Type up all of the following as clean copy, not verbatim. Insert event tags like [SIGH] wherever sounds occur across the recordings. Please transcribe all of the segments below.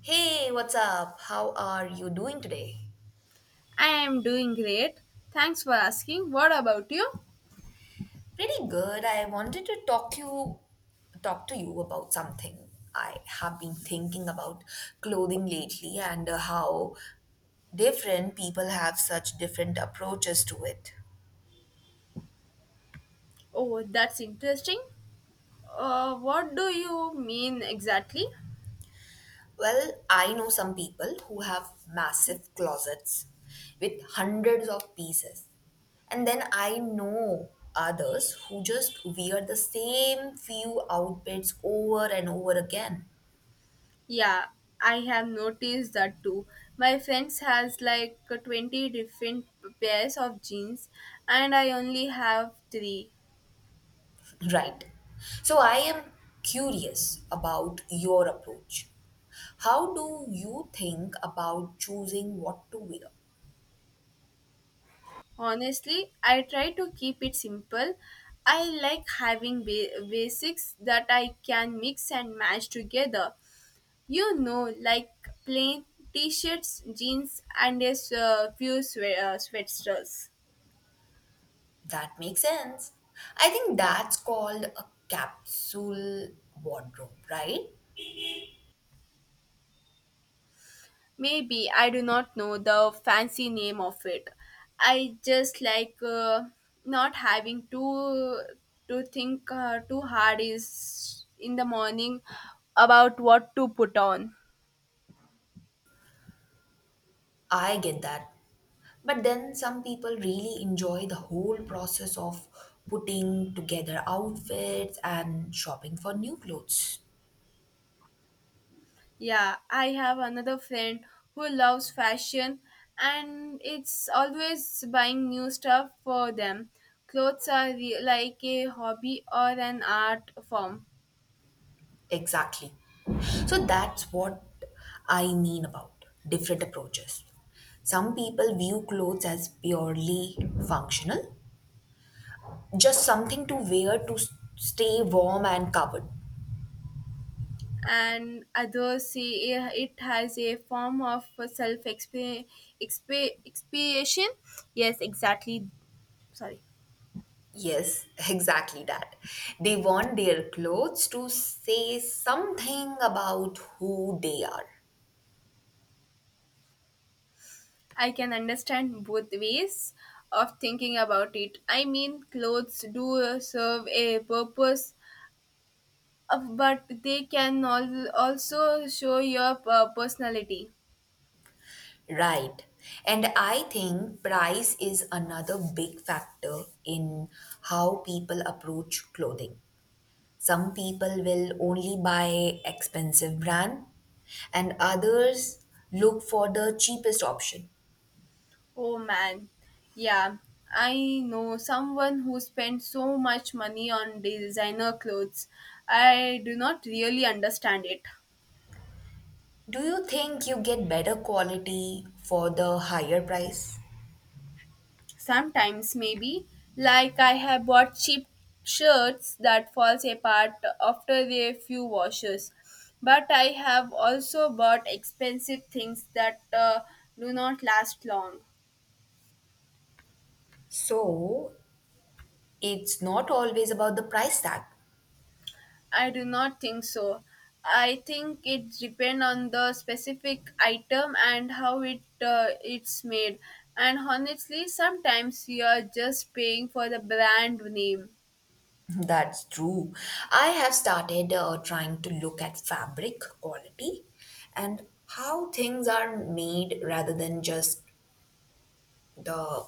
Hey, what's up? How are you doing today? I am doing great. Thanks for asking. What about you? Pretty good. I wanted to talk to you about something. I have been thinking about clothing lately and how different people have such different approaches to it. Oh, that's interesting. What do you mean exactly? Well, I know some people who have massive closets with hundreds of pieces. And then I know others who just wear the same few outfits over and over again. Yeah, I have noticed that too. My friends has like 20 different pairs of jeans and I only have 3. Right. So I am curious about your approach. How do you think about choosing what to wear? Honestly, I try to keep it simple. I like having basics that I can mix and match together. You know, like plain t-shirts, jeans, and few sweatshirts. That makes sense. I think that's called a capsule wardrobe, right? Maybe I do not know the fancy name of it. I just like not having to think too hard is in the morning about what to put on. I get that. But then some people really enjoy the whole process of putting together outfits and shopping for new clothes. Yeah, I have another friend who loves fashion and it's always buying new stuff for them. Clothes are like a hobby or an art form, Exactly. So that's what I mean about different approaches. Some people view clothes as purely functional, just something to wear to stay warm and covered. and others see it has a form of self expiation. Yes, exactly. Sorry. Yes, [LAUGHS] exactly that. They want their clothes to say something about who they are. I can understand both ways of thinking about it. I mean, clothes do serve a purpose. But they can also show your personality. Right. And I think price is another big factor in how people approach clothing. Some people will only buy expensive brand and others look for the cheapest option. Oh man, yeah, I know someone who spent so much money on designer clothes. I do not really understand it. Do you think you get better quality for the higher price? Sometimes maybe, like I have bought cheap shirts that falls apart after a few washes. But I have also bought expensive things that do not last long. So, it's not always about the price tag. I do not think so. I think it depends on the specific item and how it's made. And honestly, sometimes you are just paying for the brand name. [LAUGHS] That's true. I have started trying to look at fabric quality and how things are made rather than just the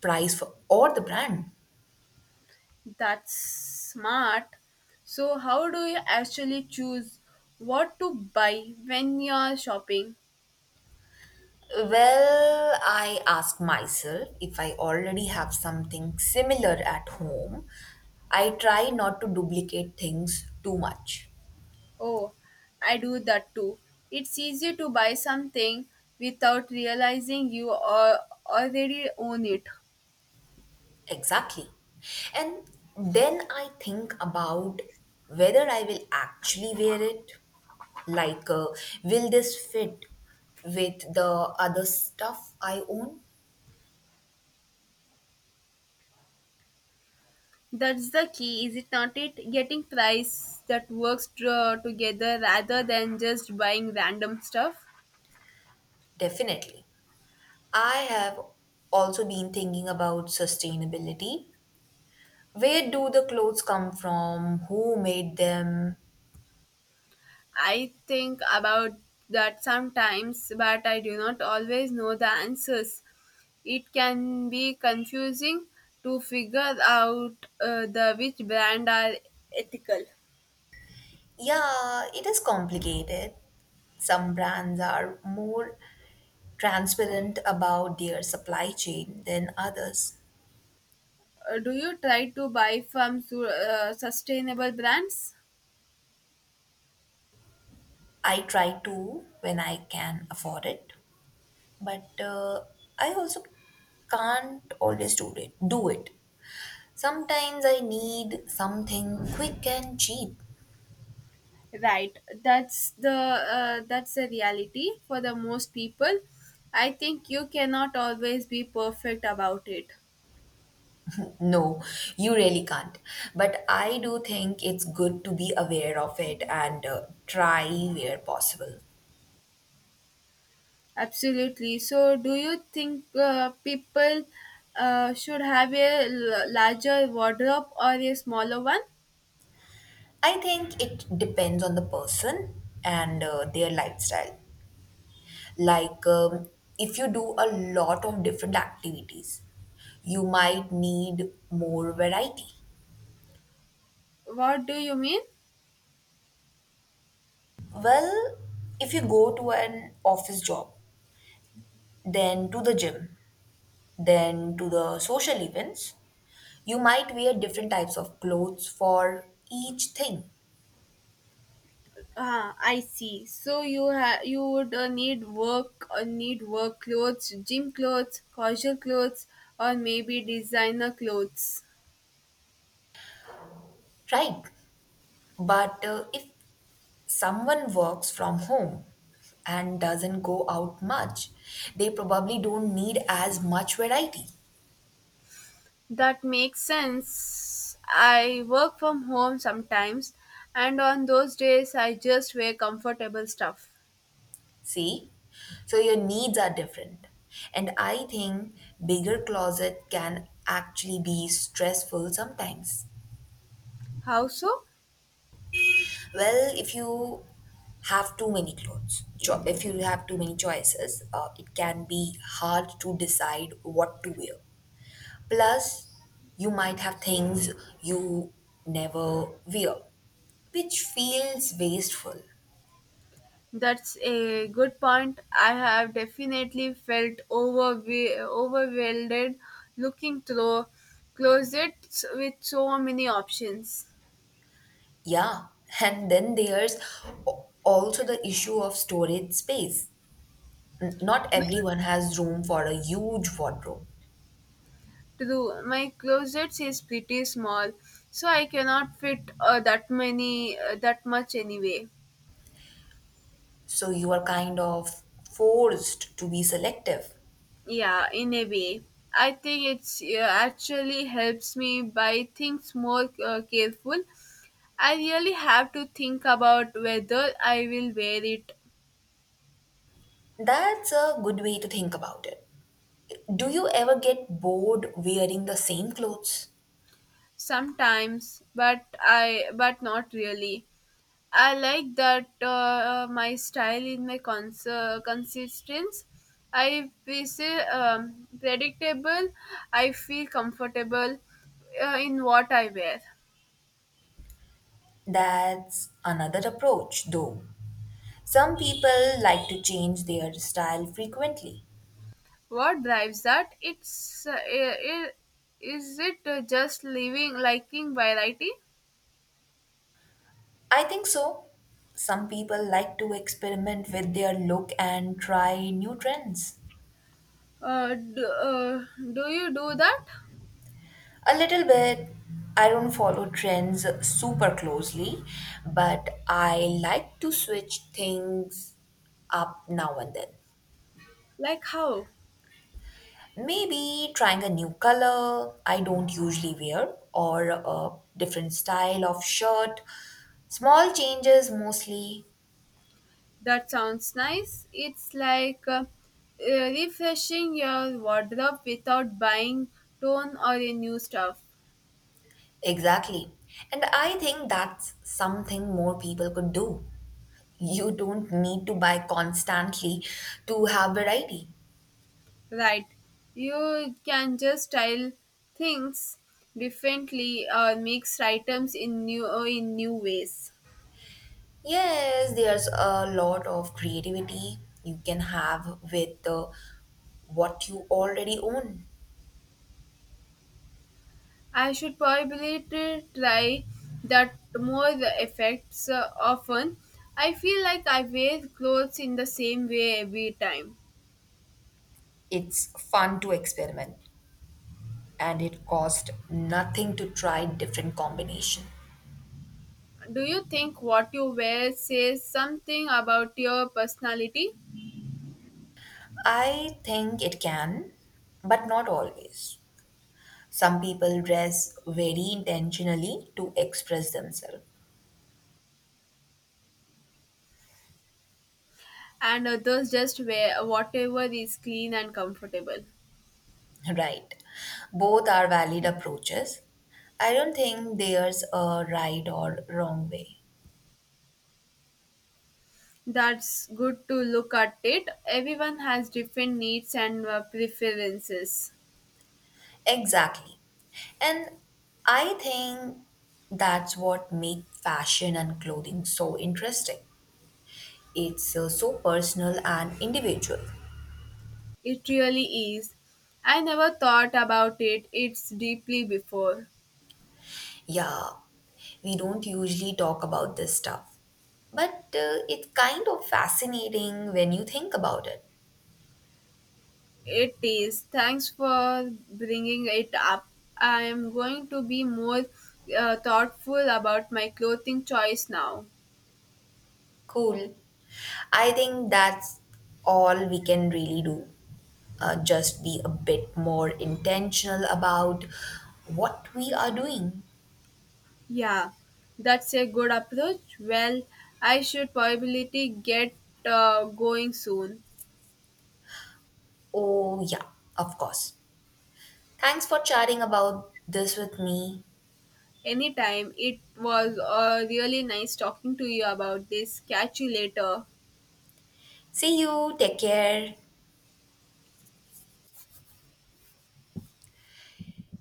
price for, or the brand. That's smart. So how do you actually choose what to buy when you're shopping? Well, I ask myself if I already have something similar at home. I try not to duplicate things too much. Oh, I do that too. It's easy to buy something without realizing you are already own it. Exactly. And then I think about whether I will actually wear it. Like, uh, will this fit with the other stuff I own? That's the key, is it not? It getting price that works together rather than just buying random stuff. Definitely. I have also been thinking about sustainability. Where do the clothes come from? Who made them? I think about that sometimes, but I do not always know the answers. It can be confusing to figure out the which brand are ethical. Yeah, it is complicated. Some brands are more transparent about their supply chain than others. Do you try to buy from sustainable brands? I try to when I can afford it, but I also can't always do it. Sometimes I need something quick and cheap. Right. That's the reality for the most people. I think you cannot always be perfect about it. No, you really can't. But I do think it's good to be aware of it and try where possible. Absolutely. So, do you think people should have a larger wardrobe or a smaller one? I think it depends on the person and their lifestyle. Like, um, if you do a lot of different activities, you might need more variety. What do you mean? Well, if you go to an office job, then to the gym, then to the social events, you might wear different types of clothes for each thing, Ah, I see. So you you would need work clothes, gym clothes, casual clothes, or maybe designer clothes. right? But if someone works from home and doesn't go out much, they probably don't need as much variety. That makes sense. I work from home sometimes, and on those days, I just wear comfortable stuff. See? So your needs are different. And I think bigger closet can actually be stressful sometimes. How so? Well, if you have too many clothes, cho- if you have too many choices, it can be hard to decide what to wear. Plus, you might have things you never wear, which feels wasteful. That's a good point. I have definitely felt overwhelmed looking through closets with so many options. Yeah, [LAUGHS] and then there's also the issue of storage space. Not everyone has room for a huge wardrobe, True, my closets is pretty small, so I cannot fit that much anyway. so you are kind of forced to be selective. Yeah, in a way. I think it's actually helps me by things more careful. I really have to think about whether I will wear it That's a good way to think about it. Do you ever get bored wearing the same clothes? sometimes, but I but not really. I like that my style in my consistence. I feel predictable. I feel comfortable in what I wear. That's another approach, though. Some people like to change their style frequently. What drives that? Uh, i- i- is it just living liking variety? I think so. Some people like to experiment with their look and try new trends. Uh, do, uh, do you do that? A little bit. I don't follow trends super closely, but I like to switch things up now and then. Like how? Maybe trying a new color I don't usually wear or a different style of shirt. Small changes mostly. That sounds nice. It's like refreshing your wardrobe without buying tone or a new stuff. Exactly. And I think that's something more people could do. You don't need to buy constantly to have variety. Right. You can just style things differently or mix items in new ways. Yes, there's a lot of creativity you can have with what you already own. I should probably try that more effects often. I feel like I wear clothes in the same way every time. It's fun to experiment, and it cost nothing to try different combination. Do you think what you wear says something about your personality, I think it can, but not always. Some people dress very intentionally to express themselves. and others just wear whatever is clean and comfortable? [LAUGHS] Right. Both are valid approaches. I don't think there's a right or wrong way. That's good to look at it. Everyone has different needs and preferences. Exactly. And I think that's what makes fashion and clothing so interesting. It's so personal and individual. It really is. I never thought about it. It's deeply before. Yeah, we don't usually talk about this stuff, but it's kind of fascinating when you think about it. It is. Thanks for bringing it up. I am going to be more thoughtful about my clothing choice now. Cool. I think that's all we can really do. Just be a bit more intentional about what we are doing. Yeah, that's a good approach. Well, I should probably get going soon. Oh, yeah, of course. Thanks for chatting about this with me. Anytime. It was really nice talking to you about this. Catch you later. See you. Take care.